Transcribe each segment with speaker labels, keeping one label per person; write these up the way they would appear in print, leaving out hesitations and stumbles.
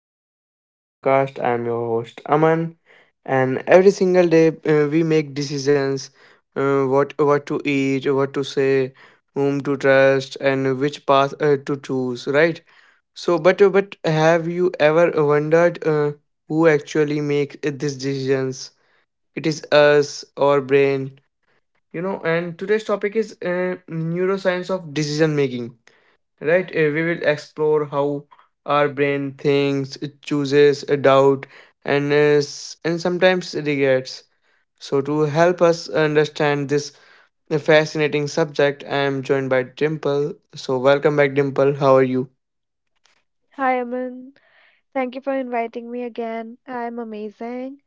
Speaker 1: to the Growth Talk podcast. I'm your host Aman, and every single day we make decisions what to eat, what to say, whom to trust, and which path to choose, right? But have you ever wondered who actually makes these decisions? It is us, our brain, And today's topic is neuroscience of decision making, right? We will explore how our brain thinks, it chooses a doubt, and sometimes regrets. So to help us understand this fascinating subject, I am joined by Dimple. So welcome back, Dimple. How are you?
Speaker 2: Hi, Aman. Thank you for inviting me again. I'm amazing.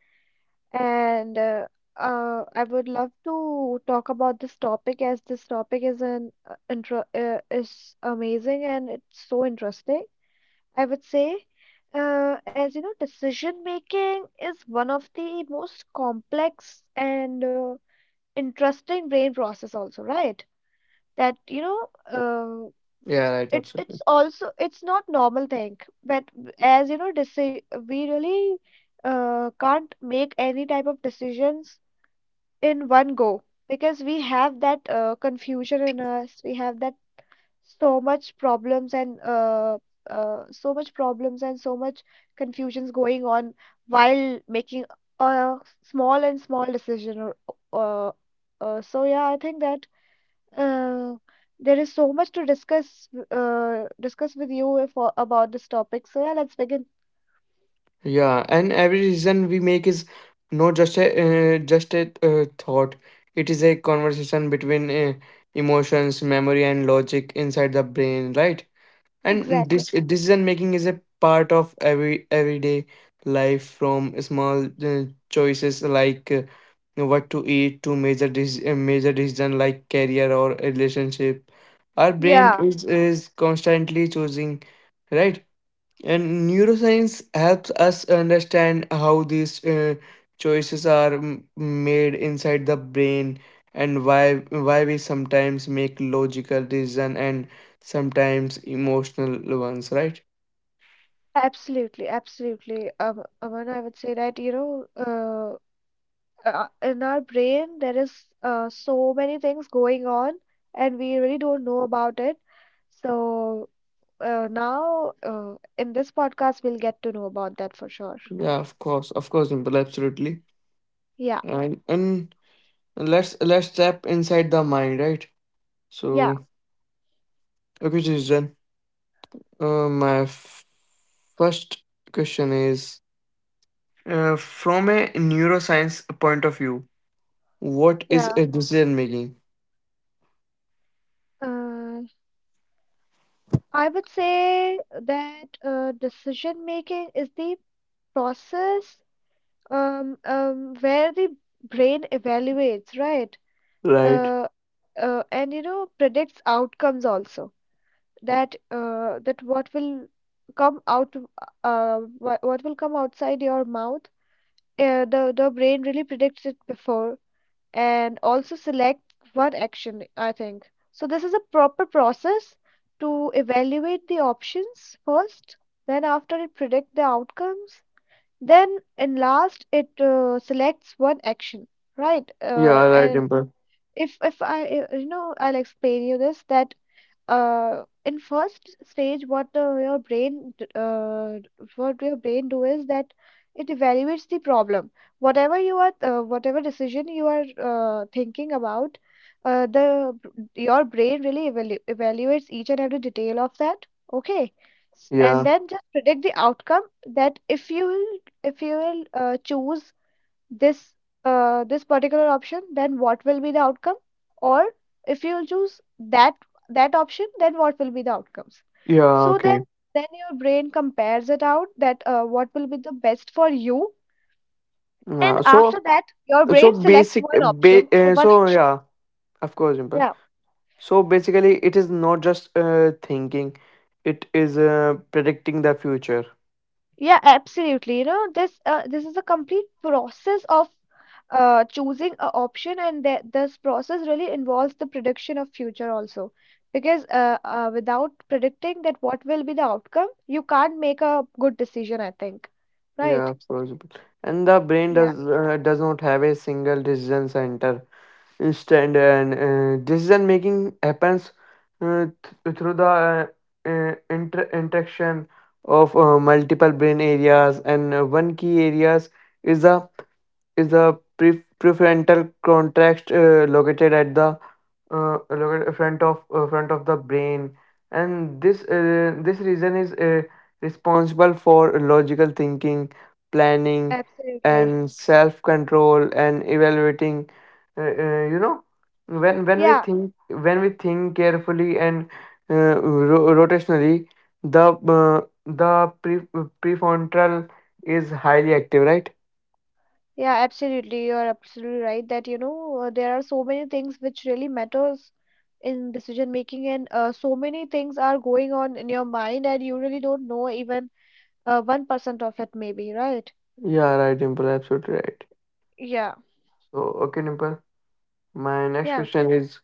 Speaker 2: And I would love to talk about this topic as this topic is an intro is amazing and it's so interesting. I would say, as you know, decision making is one of the most complex and interesting brain process also, right?
Speaker 1: Yeah,
Speaker 2: That,
Speaker 1: right, absolutely.
Speaker 2: it's also it's not normal thing, but as you know we really can't make any type of decisions in one go, because we have that confusion in us, we have that so much problems and so much problems and so much confusions going on while making a small and small decision, or so yeah, I think that uh, there is so much to discuss discuss with you for about this topic. So yeah, let's begin.
Speaker 1: Yeah, and every decision we make is not just a thought. It is a conversation between emotions, memory, and logic inside the brain, right? And
Speaker 2: Exactly.
Speaker 1: this decision making is a part of every everyday life, from small choices like what to eat, to major major decision like career or a relationship. Our brain
Speaker 2: Yeah,
Speaker 1: is constantly choosing, right? And neuroscience helps us understand how these choices are made inside the brain, and why we sometimes make logical decision and sometimes emotional ones, right?
Speaker 2: absolutely, absolutely. Aman, I would say that, in our brain there is so many things going on, and we really don't know about it. So now in this podcast we'll get to know about that for sure.
Speaker 1: Yeah, of course, Dimple, absolutely.
Speaker 2: Yeah,
Speaker 1: And let's tap inside the mind, right?
Speaker 2: yeah,
Speaker 1: So, okay, Jason. My first question is, from a neuroscience point of view, what is
Speaker 2: yeah.
Speaker 1: a decision making?
Speaker 2: Uh, I would say that decision making is the process, where the brain evaluates, right?
Speaker 1: Right.
Speaker 2: Uh, and predicts outcomes also. That what will come out, what will come outside your mouth. The brain really predicts it before, and also select one action, I think. So this is a proper process to evaluate the options first, then after it predict the outcomes, then in last it selects one action, right? Uh,
Speaker 1: Yeah, right,
Speaker 2: and
Speaker 1: Dimple.
Speaker 2: if I I'll explain you this, that in first stage what your brain do is that it evaluates the problem, whatever decision you are thinking about, the your brain really evaluates each and every detail of that. Okay, and
Speaker 1: Yeah.
Speaker 2: then just predict the outcome, that if you will, choose this this particular option, then what will be the outcome, or if you choose that option, then what will be the outcomes.
Speaker 1: Yeah,
Speaker 2: So
Speaker 1: okay.
Speaker 2: then your brain compares it out, that what will be the best for you, and
Speaker 1: Yeah.
Speaker 2: after
Speaker 1: So
Speaker 2: that your
Speaker 1: so
Speaker 2: brain select
Speaker 1: basic eh,
Speaker 2: one
Speaker 1: ba-
Speaker 2: option or
Speaker 1: uh,
Speaker 2: one
Speaker 1: so
Speaker 2: action.
Speaker 1: yeah, of course, Dimple. So basically it is not just thinking, it is predicting the future.
Speaker 2: Yeah, absolutely. You know, this is a complete process of choosing a option, and that this process really involves the prediction of future also. Because without predicting that what will be the outcome, you can't make a good decision, I think.
Speaker 1: Yeah,
Speaker 2: Right?
Speaker 1: of course, Dimple. And the brain
Speaker 2: Yeah,
Speaker 1: does not have a single decision center. Instant, and decision making happens uh, through the interaction of multiple brain areas, and one key areas is the prefrontal cortex, located at the look at front of the brain. And this, this reason is responsible for logical thinking, planning,
Speaker 2: absolutely.
Speaker 1: and self control, and evaluating, you know, when we
Speaker 2: Yeah,
Speaker 1: think, when we think carefully and uh, rotationally, the uh, the pre- prefrontal is highly active, right?
Speaker 2: yeah, absolutely. You're absolutely right that there are so many things which really matters in decision making, and so many things are going on in your mind, and you really don't know even 1% of it, maybe, right?
Speaker 1: Yeah, right, Dimple, absolutely right.
Speaker 2: Yeah,
Speaker 1: So, okay, Dimple, my next
Speaker 2: yeah.
Speaker 1: question is,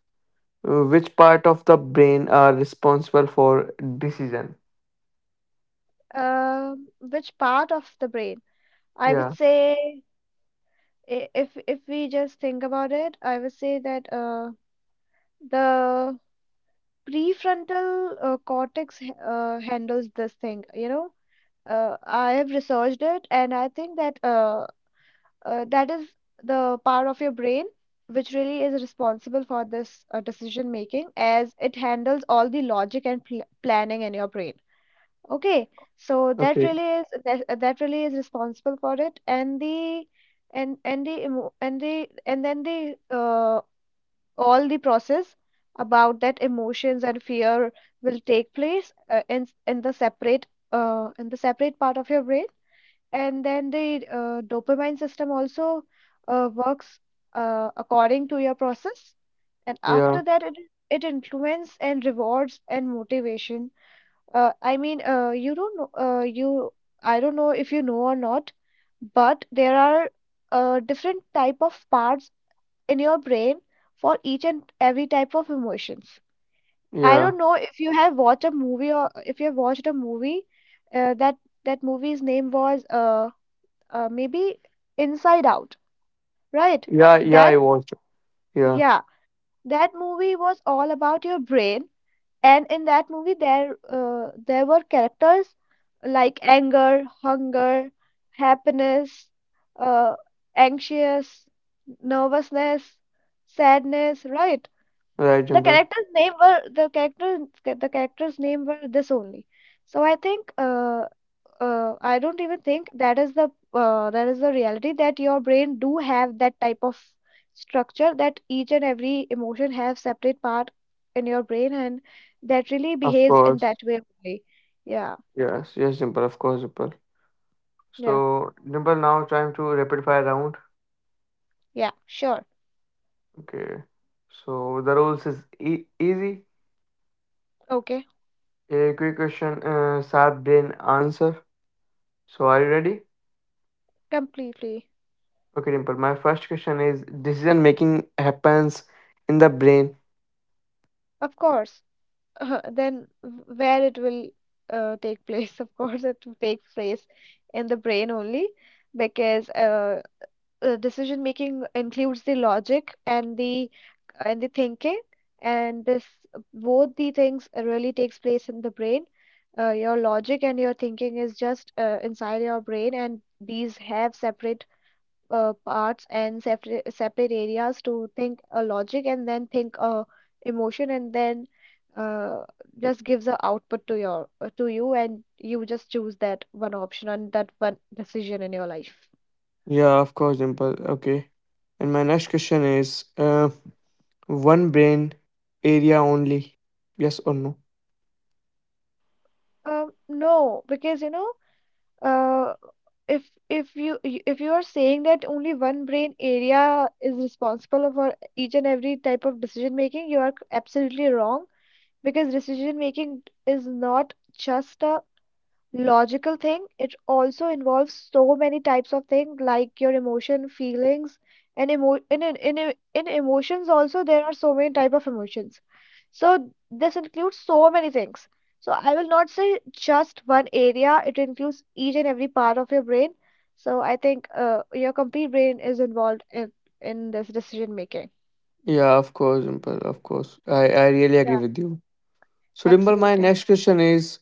Speaker 1: Which part of the brain are responsible for decision?
Speaker 2: Which part of the brain? I would
Speaker 1: Yeah.
Speaker 2: say, if we just think about it, I would say that the prefrontal cortex handles this thing. I have researched it, and I think that is the part of your brain which really is responsible for this decision making, as it handles all the logic and pl planning in your brain. Okay, so
Speaker 1: Okay.
Speaker 2: that really is responsible for it, and then the all the process about that emotions and fear will take place in the separate part of your brain, and then the dopamine system also works according to your process, and after
Speaker 1: Yeah.
Speaker 2: that it influences and rewards and motivation. I mean, you don't know, I don't know if you know or not, but there are different type of parts in your brain for each and every type of emotions. I don't
Speaker 1: Yeah.
Speaker 2: know if you have watched a movie or if you have watched a movie, uh, that that movie's name was maybe Inside Out, right?
Speaker 1: Yeah. Yeah, I
Speaker 2: That
Speaker 1: watched. Yeah.
Speaker 2: yeah, that movie was all about your brain. And in that movie, there were characters like anger, hunger, happiness, uh, anxious, nervousness, sadness, right?
Speaker 1: Right,
Speaker 2: The
Speaker 1: Jimbo.
Speaker 2: characters' name were the characters the characters' name were this only. So I think I don't even think that is the reality, that your brain do have that type of structure, that each and every emotion have separate part in your brain, and that really
Speaker 1: Of
Speaker 2: behaves in
Speaker 1: course.
Speaker 2: that way only. Yeah,
Speaker 1: Yes. Yes, Jimbo. Of course, Jimbo.
Speaker 2: yeah,
Speaker 1: So, Jimbo, now time to rapid fire round.
Speaker 2: yeah, sure.
Speaker 1: Okay. So the rules is easy.
Speaker 2: Okay,
Speaker 1: A quick question, sharp brain answer. So are you ready?
Speaker 2: completely.
Speaker 1: Okay, Dimple. My first question is, decision making happens in the brain.
Speaker 2: Of course. Then where it will take place, of course, it will take place in the brain only, because decision making includes the logic and the thinking, and this both the things really takes place in the brain. Your logic and your thinking is just inside your brain, and these have separate parts and separate areas to think a logic and then think a emotion, and then uh, just gives a output to your to you, and you just choose that one option and that one decision in your life.
Speaker 1: Yeah, of course, Dimple. Okay. And my next question is, one brain area only. Yes or no?
Speaker 2: Um, no, because you know. Uh, if you are saying that only one brain area is responsible for each and every type of decision making, you are absolutely wrong, because decision making is not just a logical thing, it also involves so many types of things like your emotion, feelings, and emo in emotions also there are so many type of emotions, so this includes so many things. So I will not say just one area, it includes each and every part of your brain. So I think your complete brain is involved in this decision making.
Speaker 1: Yeah, of course, Dimple, of course. I really agree
Speaker 2: Yeah,
Speaker 1: with you. So, Dimple, my
Speaker 2: absolutely.
Speaker 1: next question is,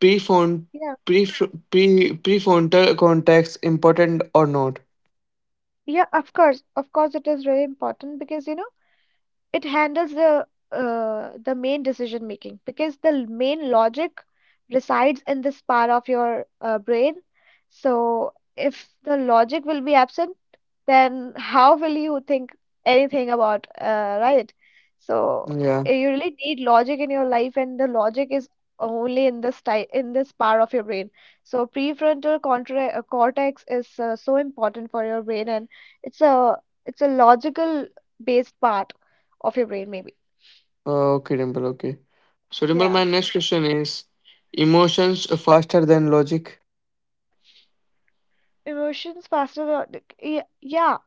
Speaker 1: prefront,
Speaker 2: Yeah.
Speaker 1: prefrontal cortex, important or not?
Speaker 2: Yeah, of course, of course, it is really important, because you know it handles the main decision making, because the main logic resides in this part of your brain. So if the logic will be absent, then how will you think anything about, right? So
Speaker 1: Yeah.
Speaker 2: you really need logic in your life, and the logic is only in this type in this part of your brain. So prefrontal cortex is so important for your brain, and it's a it's a logical based part of your brain, maybe.
Speaker 1: Okay, Dimple, okay. So, Dimple,
Speaker 2: Yeah.
Speaker 1: my next question is, emotions faster than logic?
Speaker 2: Emotions faster than? Yeah, yeah.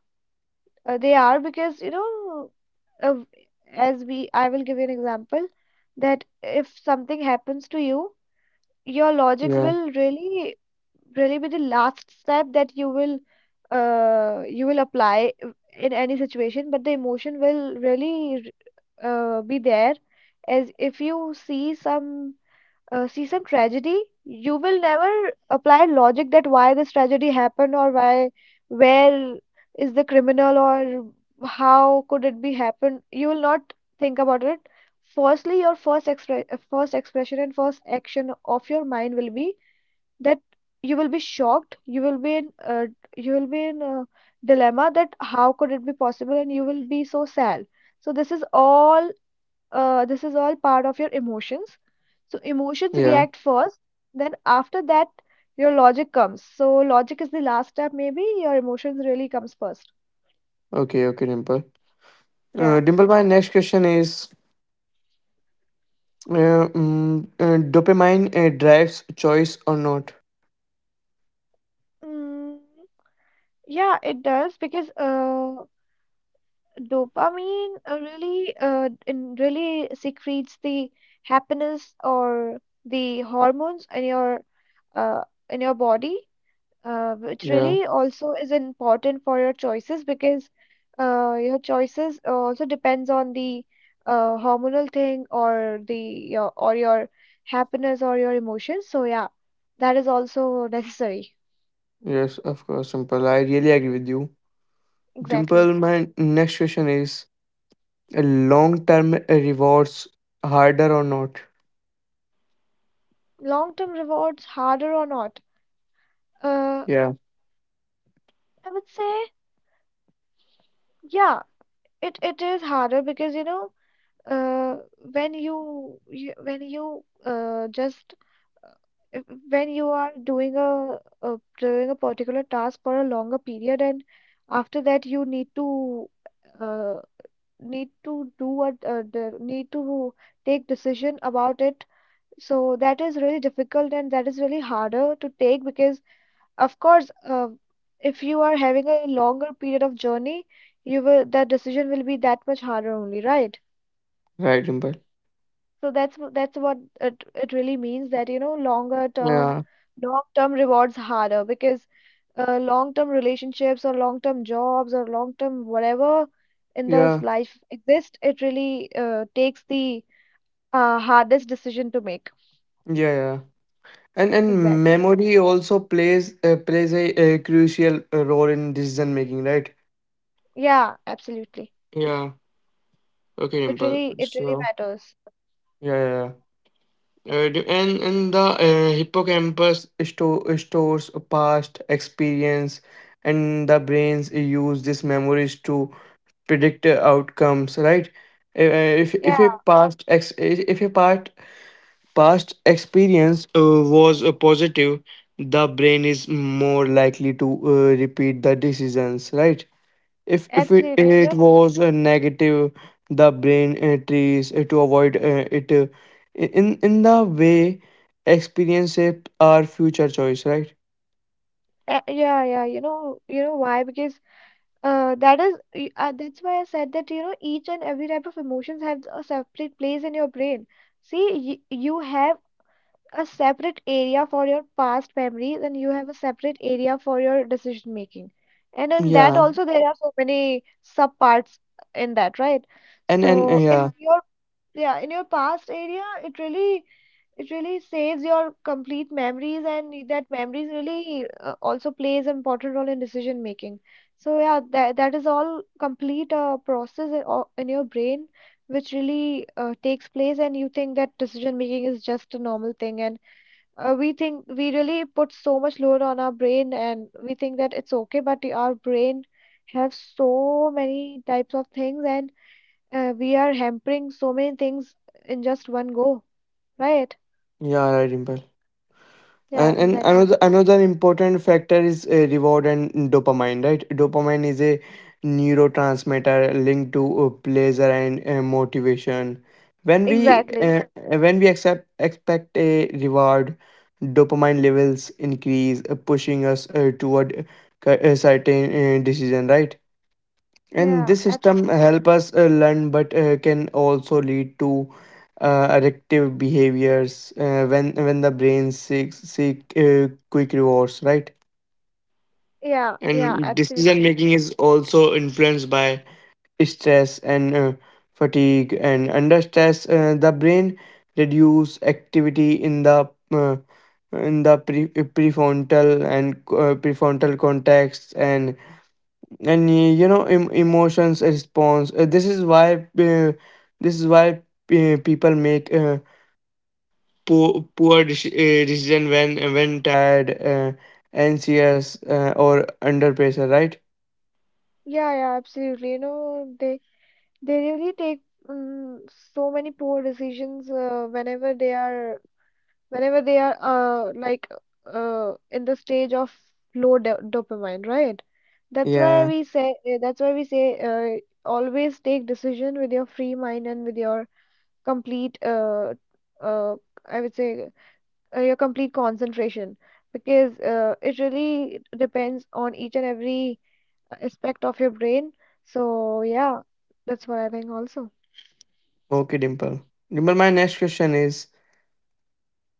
Speaker 2: They are, because you know uh, as we I will give you an example that if something happens to you, your logic
Speaker 1: Yeah.
Speaker 2: will really really be the last step that you will apply in any situation, but the emotion will really be there. As if you see some see some tragedy, you will never apply logic, that why this tragedy happened, or why, where is the criminal, or how could it be happened. You will not think about it. Firstly, your first expre first expression and first action of your mind will be that you will be shocked. You will be in you will be in a dilemma, that how could it be possible, and you will be so sad. So this is all part of your emotions. So emotions
Speaker 1: Yeah.
Speaker 2: react first, then after that your logic comes. So logic is the last step, maybe, your emotions really comes first.
Speaker 1: Okay, okay, Dimple.
Speaker 2: Yeah.
Speaker 1: Dimple, my next question is, dopamine drives choice or not.
Speaker 2: Mm, yeah, it does, because dopamine really in really secretes the happiness or the hormones in your uh, body, which
Speaker 1: Yeah,
Speaker 2: really also is important for your choices, because your choices also depends on the hormonal thing, or or your happiness or your emotions. So yeah, that is also necessary.
Speaker 1: yes, of course, Simple. I really agree with you. Dimple,
Speaker 2: Exactly.
Speaker 1: my next question is, long term rewards harder or not?
Speaker 2: Long-term rewards harder or not? Uh,
Speaker 1: Yeah,
Speaker 2: I would say yeah, it is harder because you know, uh, when you when you just uh, when you are doing a particular task for a longer period, and after that you need to, uh, need to do what, need to take decision about it. So that is really difficult, and that is really harder to take because of course, if you are having a longer period of journey, you will the decision will be that much harder only, right?
Speaker 1: right, Dimple.
Speaker 2: So that's what it really means, that you know, longer term,
Speaker 1: Yeah,
Speaker 2: long term rewards harder, because long term relationships or long term jobs or long term whatever in this
Speaker 1: yeah,
Speaker 2: life exist, it really takes the hardest decision to make.
Speaker 1: yeah, yeah. And
Speaker 2: Exactly.
Speaker 1: memory also plays a crucial role in decision making, right?
Speaker 2: Yeah, absolutely.
Speaker 1: Yeah. Okay,
Speaker 2: it
Speaker 1: Dimple.
Speaker 2: really it really
Speaker 1: So
Speaker 2: matters.
Speaker 1: yeah, yeah, yeah. And the hippocampus stores a past experience, and the brains use these memories to predict outcomes, right?
Speaker 2: Yeah,
Speaker 1: If a past ex- if a part past experience was positive, the brain is more likely to repeat the decisions, right? If it,
Speaker 2: absolutely, you
Speaker 1: it
Speaker 2: know.
Speaker 1: was a negative, the brain tries to avoid it in the way, experience shape our future choice, right?
Speaker 2: Yeah, yeah, you know, why? Because that is, that's why I said that, you know, each and every type of emotions have a separate place in your brain. See, you have a separate area for your past memories, and you have a separate area for your decision making. And in that
Speaker 1: Yeah.
Speaker 2: also there are so many subparts in that, right? So
Speaker 1: And
Speaker 2: in
Speaker 1: yeah,
Speaker 2: your, yeah, in your past area, it really saves your complete memories, and that memories really also plays an important role in decision making. So yeah, that is all complete process in in your brain, which really takes place, and you think that decision making is just a normal thing, and we think, we really put so much load on our brain, and we think that it's okay, but our brain have so many types of things, and we are hampering so many things in just one go, right?
Speaker 1: yeah, right, Dimple.
Speaker 2: Yeah,
Speaker 1: And
Speaker 2: exactly.
Speaker 1: another important factor is reward and dopamine, right? Dopamine is a neurotransmitter linked to pleasure and motivation. When we
Speaker 2: Exactly.
Speaker 1: uh, when we accept expect a reward, dopamine levels increase, pushing us toward a certain decision, right? And
Speaker 2: Yeah,
Speaker 1: this system
Speaker 2: absolutely.
Speaker 1: help us learn, but can also lead to addictive behaviors when the brain seek quick rewards, right?
Speaker 2: Yeah, yeah,
Speaker 1: And decision
Speaker 2: absolutely.
Speaker 1: making is also influenced by stress and fatigue. And under stress, the brain reduce activity in the uh, in the pre- prefrontal and prefrontal cortex, and you know, emotions response. This is why people make poor decision when tired, anxious, or under pressure, right?
Speaker 2: Yeah, yeah, absolutely. You know, they really take um, so many poor decisions whenever they are, whenever they are uh like in the stage of low do dopamine, right?
Speaker 1: Yeah,
Speaker 2: That's why we say, always take decision with your free mind and with your complete uh I would say, your complete concentration, because it really depends on each and every aspect of your brain. So yeah, that's what I think also.
Speaker 1: okay, Dimple. Dimple, my next question is,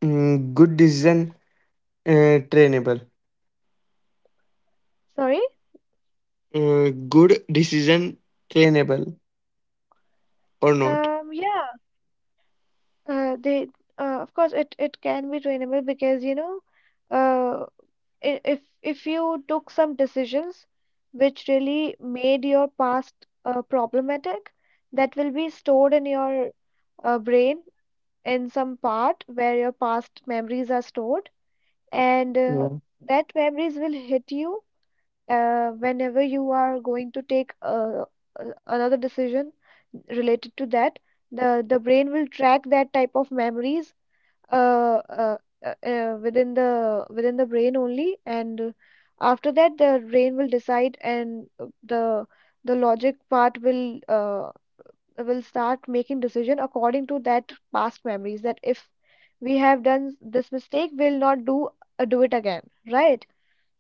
Speaker 1: good decision, trainable,
Speaker 2: Sorry?
Speaker 1: good decision trainable or not?
Speaker 2: Yeah, they of course it can be trainable, because you know, uh, if you took some decisions which really made your past problematic, that will be stored in your brain in some part where your past memories are stored. And
Speaker 1: Yeah.
Speaker 2: that memories will hit you whenever you are going to take another decision related to that. The brain will track that type of memories, uh, uh, within the brain only, and after that the brain will decide, and the logic part will, will start making decision according to that past memories, that if we have done this mistake, we'll not do, do it again, right?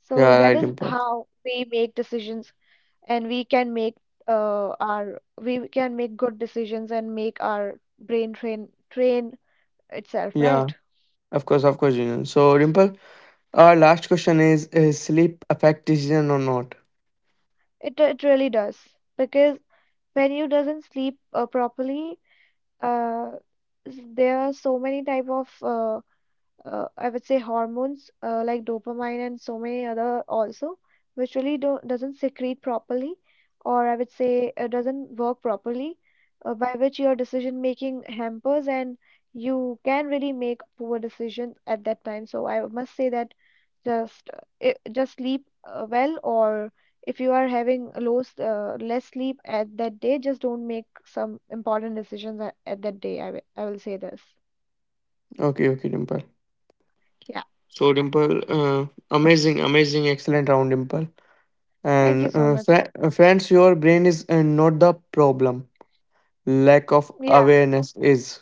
Speaker 2: So
Speaker 1: Yeah,
Speaker 2: that
Speaker 1: right,
Speaker 2: is
Speaker 1: Dimple.
Speaker 2: how we make decisions, and we can make, our we can make good decisions and make our brain train itself,
Speaker 1: Yeah,
Speaker 2: right?
Speaker 1: of course, of course. You So, Dimple, our last question is sleep affect decision or not?
Speaker 2: It really does, because when you doesn't sleep properly, uh, there are so many type of, I would say, hormones like dopamine and so many other also, which really do not doesn't secrete properly, or I would say, doesn't work properly, by which your decision making hampers, and you can really make poor decisions at that time. So I must say that, just uh, just sleep well, or if you are having less sleep at that day, just don't make some important decisions at that day. I will say this.
Speaker 1: Okay, okay, Dimple.
Speaker 2: Yeah.
Speaker 1: So, Dimple, amazing, amazing, excellent round, Dimple.
Speaker 2: Thank
Speaker 1: And
Speaker 2: you so
Speaker 1: uh,
Speaker 2: much.
Speaker 1: fri- uh, friends, your brain is not the problem. Lack of
Speaker 2: Yeah.
Speaker 1: awareness is,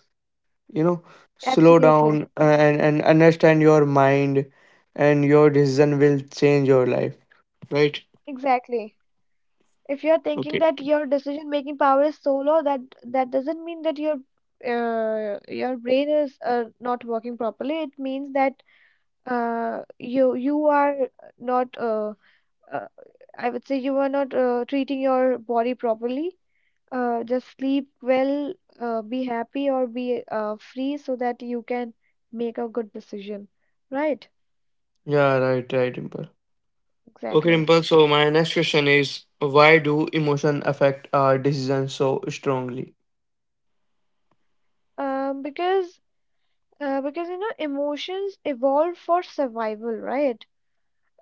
Speaker 1: you know, slow down
Speaker 2: Absolutely.
Speaker 1: and understand your mind, and your decision will change your life, right?
Speaker 2: Exactly. If you're thinking
Speaker 1: Okay.
Speaker 2: that your decision-making power is so low, that doesn't mean that your brain is not working properly. It means that you are not uh, I would say, you are not treating your body properly. Just sleep well, be happy or be free, so that you can make a good decision. Right?
Speaker 1: Yeah, right, right, Dimple. Okay,
Speaker 2: Exactly.
Speaker 1: Dimple. So my next question is, why do emotion affect our decisions so strongly?
Speaker 2: Um, because because you know, emotions evolve for survival, right?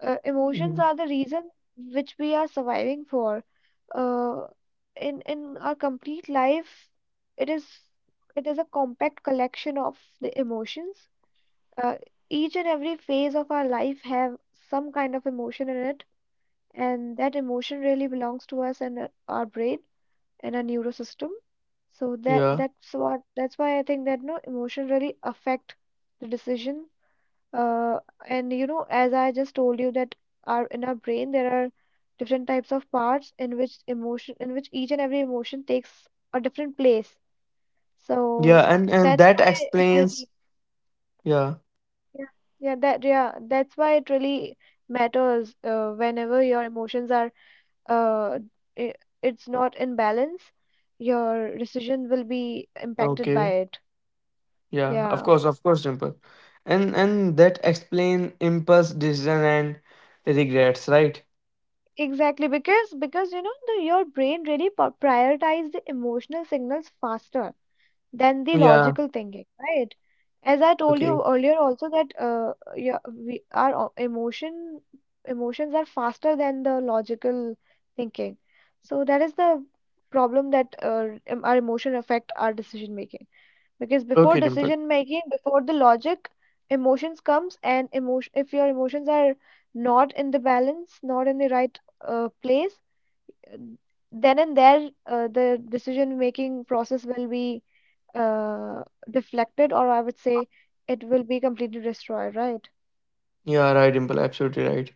Speaker 2: Emotions
Speaker 1: Mhm.
Speaker 2: are the reason which we are surviving for. Uh, in our complete life, it is it is a compact collection of the emotions. Uh, each and every phase of our life have some kind of emotion in it, and that emotion really belongs to us, and our brain and our neurosystem. So
Speaker 1: Yeah,
Speaker 2: that's why I think that no, emotion really affect the decision, uh, and you know, as I just told you that, our brain there are different types of parts in which emotion, in which each and every emotion takes a different place. So
Speaker 1: yeah, and
Speaker 2: that's
Speaker 1: that
Speaker 2: why it
Speaker 1: explains.
Speaker 2: really,
Speaker 1: Yeah.
Speaker 2: yeah, yeah that yeah, that's why it really matters, whenever your emotions are, uh I it's not in balance, your decision will be impacted by
Speaker 1: Okay.
Speaker 2: it.
Speaker 1: Yeah, of
Speaker 2: Yeah.
Speaker 1: course, of course, Dimple. And that explain impulse decision and regrets, right?
Speaker 2: Exactly, because you know, the your brain really prioritize the emotional signals faster than the
Speaker 1: Yeah.
Speaker 2: logical thinking, right? As I told
Speaker 1: Okay.
Speaker 2: you earlier, also, that yeah, we our o- emotion emotions are faster than the logical thinking. So that is the problem, that our emotion affect our decision making, because before
Speaker 1: Okay, Dimple.
Speaker 2: decision making, before the logic, emotions comes, and emotion, if your emotions are not in the balance, not in the right place, uh, then and there the decision making process will be, uh, deflected, or I would say, it will be completely destroyed, right?
Speaker 1: Yeah, right, Dimple, absolutely right.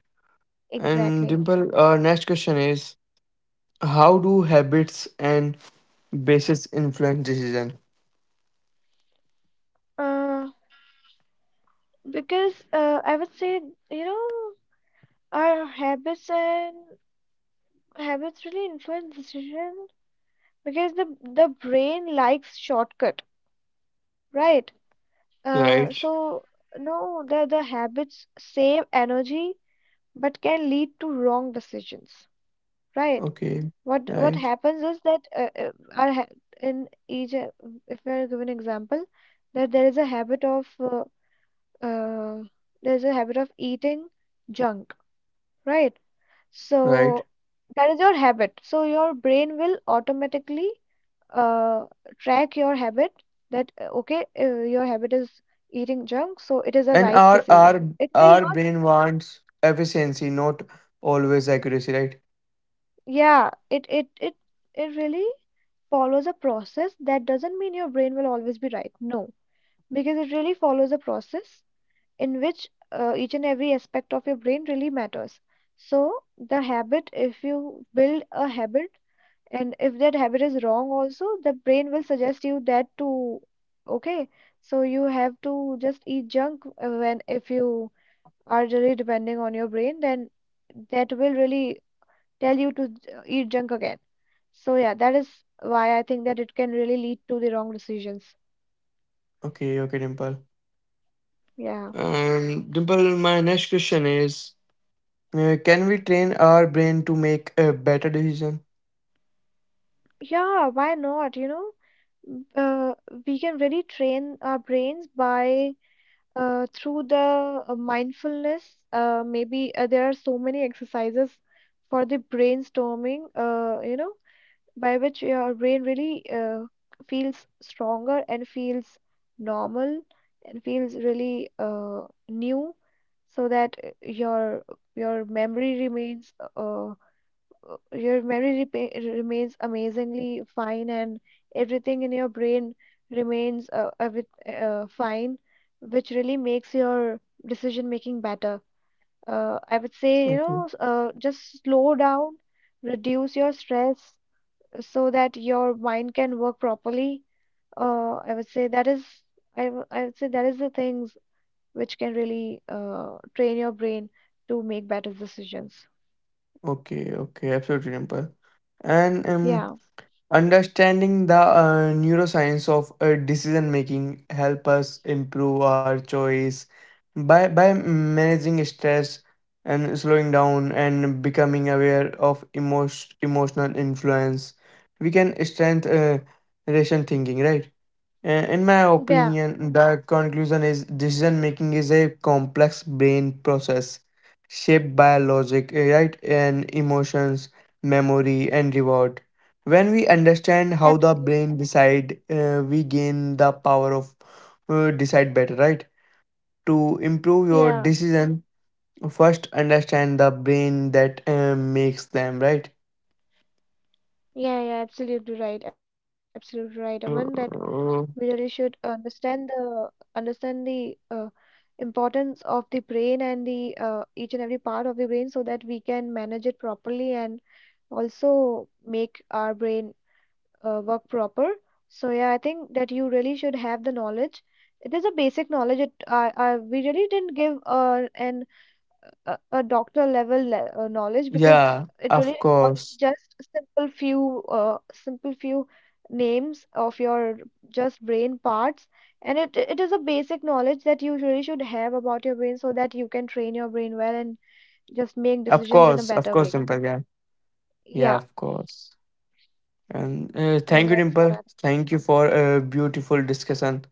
Speaker 1: And
Speaker 2: Exactly.
Speaker 1: Dimple, our next question is, how do habits and basis influence decision?
Speaker 2: uh, because I would say, you know, our habits and, habits really influence decision, because the brain likes shortcut. Right.
Speaker 1: Right.
Speaker 2: So no, the habits save energy but can lead to wrong decisions. Right.
Speaker 1: Okay.
Speaker 2: What
Speaker 1: Right.
Speaker 2: happens is that, our ha in each if we are given example that there is a habit of, uh, there is a habit of eating junk. Right.
Speaker 1: Right.
Speaker 2: So that is your habit. So your brain will automatically uh, track your habit, that okay, your habit is eating junk, so it is a
Speaker 1: And
Speaker 2: right
Speaker 1: our
Speaker 2: decision,
Speaker 1: our
Speaker 2: it will
Speaker 1: our
Speaker 2: not.
Speaker 1: brain wants efficiency, not always accuracy, right?
Speaker 2: Yeah, it really follows a process. That doesn't mean your brain will always be right. No, because it really follows a process in which each and every aspect of your brain really matters. So the habit, if you build a habit, and if that habit is wrong also, the brain will suggest you that to, okay? So you have to just eat junk, when if you are really depending on your brain, then that will really tell you to eat junk again. So yeah, that is why I think that it can really lead to the wrong decisions.
Speaker 1: Okay, okay, Dimple.
Speaker 2: Yeah.
Speaker 1: Dimple, my next question is, can we train our brain to make a better decision?
Speaker 2: Yeah, why not? You know, we can really train our brains by, through the mindfulness, maybe there are so many exercises for the brainstorming, you know, by which your brain really feels stronger, and feels normal, and feels really new, so that your memory remains, remains amazingly fine, and everything in your brain remains fine, which really makes your decision making better. I would say, you
Speaker 1: Okay.
Speaker 2: know, just slow down, reduce your stress so that your mind can work properly. Uh, I would say that is, I would say that is the things which can really train your brain to make better decisions.
Speaker 1: Okay, okay, absolutely, Dimple. And
Speaker 2: Yeah,
Speaker 1: understanding the neuroscience of decision making help us improve our choice by managing stress and slowing down and becoming aware of emotional influence. We can strengthen ration thinking, right? In my
Speaker 2: yeah,
Speaker 1: opinion, the conclusion is decision making is a complex brain process shaped by logic, right, and emotions, memory, and reward. When we understand how the
Speaker 2: absolutely.
Speaker 1: brain decide, we gain the power of decide better, right? To improve your
Speaker 2: Yeah.
Speaker 1: decision, first understand the brain that makes them, right?
Speaker 2: Yeah, yeah, absolutely right, Aman. That we really
Speaker 1: Uh,
Speaker 2: should understand the, understand the uh, importance of the brain, and the each and every part of the brain, so that we can manage it properly, and also make our brain work proper. So yeah, I think that you really should have the knowledge. It is a basic knowledge. It I We really didn't give a doctor level knowledge, because
Speaker 1: yeah,
Speaker 2: it really
Speaker 1: of
Speaker 2: involves
Speaker 1: course,
Speaker 2: just simple few names of your just brain parts, and it is a basic knowledge that you really should have about your brain, so that you can train your brain well and just make decisions in a
Speaker 1: of
Speaker 2: better
Speaker 1: course,
Speaker 2: way.
Speaker 1: Dimple, yeah. Yeah,
Speaker 2: Yeah,
Speaker 1: of course. And
Speaker 2: so
Speaker 1: thank you,
Speaker 2: that's what
Speaker 1: Dimple.
Speaker 2: I,
Speaker 1: Thank you for a beautiful discussion.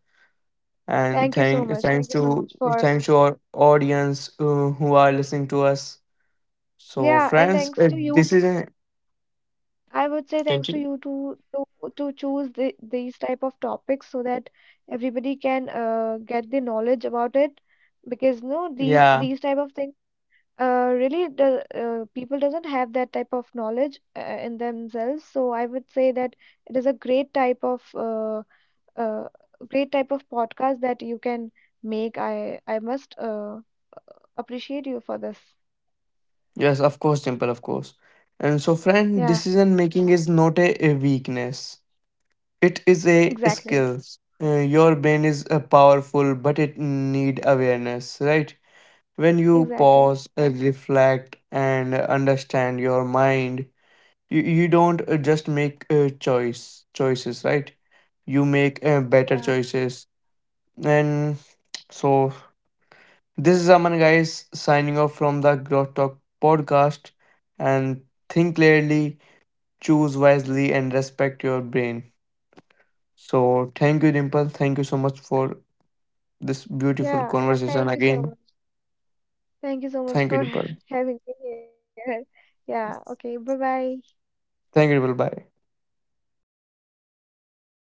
Speaker 1: And
Speaker 2: thank you so
Speaker 1: thank
Speaker 2: much,
Speaker 1: thanks
Speaker 2: thank you so
Speaker 1: to
Speaker 2: much for,
Speaker 1: thanks to our audience who are listening to us. So,
Speaker 2: yeah, and
Speaker 1: friends,
Speaker 2: thanks to you,
Speaker 1: this is a
Speaker 2: I would say, thanks to
Speaker 1: continue.
Speaker 2: you to choose these type of topics, so that everybody can get the knowledge about it, because no,
Speaker 1: Yeah,
Speaker 2: these type of things really, the people doesn't have that type of knowledge in themselves. So I would say that it is a great type of, uh, great type of podcast that you can make. I must appreciate you for this.
Speaker 1: yes, of course, Dimple, of course. And so, friend,
Speaker 2: Yeah,
Speaker 1: decision making is not a, a weakness. It is a
Speaker 2: exactly,
Speaker 1: skill. Your brain is powerful, but it need awareness, right? When you
Speaker 2: exactly,
Speaker 1: pause, reflect, and understand your mind, you don't just make choices, right? You make better
Speaker 2: yeah,
Speaker 1: choices. And so this is Aman, guys, signing off from the Growth Talk podcast. And think clearly, choose wisely, and respect your brain. So thank you, Dimple. Thank you so much for this beautiful
Speaker 2: yeah, yeah, thank
Speaker 1: conversation
Speaker 2: you so
Speaker 1: again.
Speaker 2: much. Thank you so much
Speaker 1: Thank you,
Speaker 2: for
Speaker 1: Dimple.
Speaker 2: having me here. Yeah, okay, bye bye.
Speaker 1: Thank you, Dimple. Bye.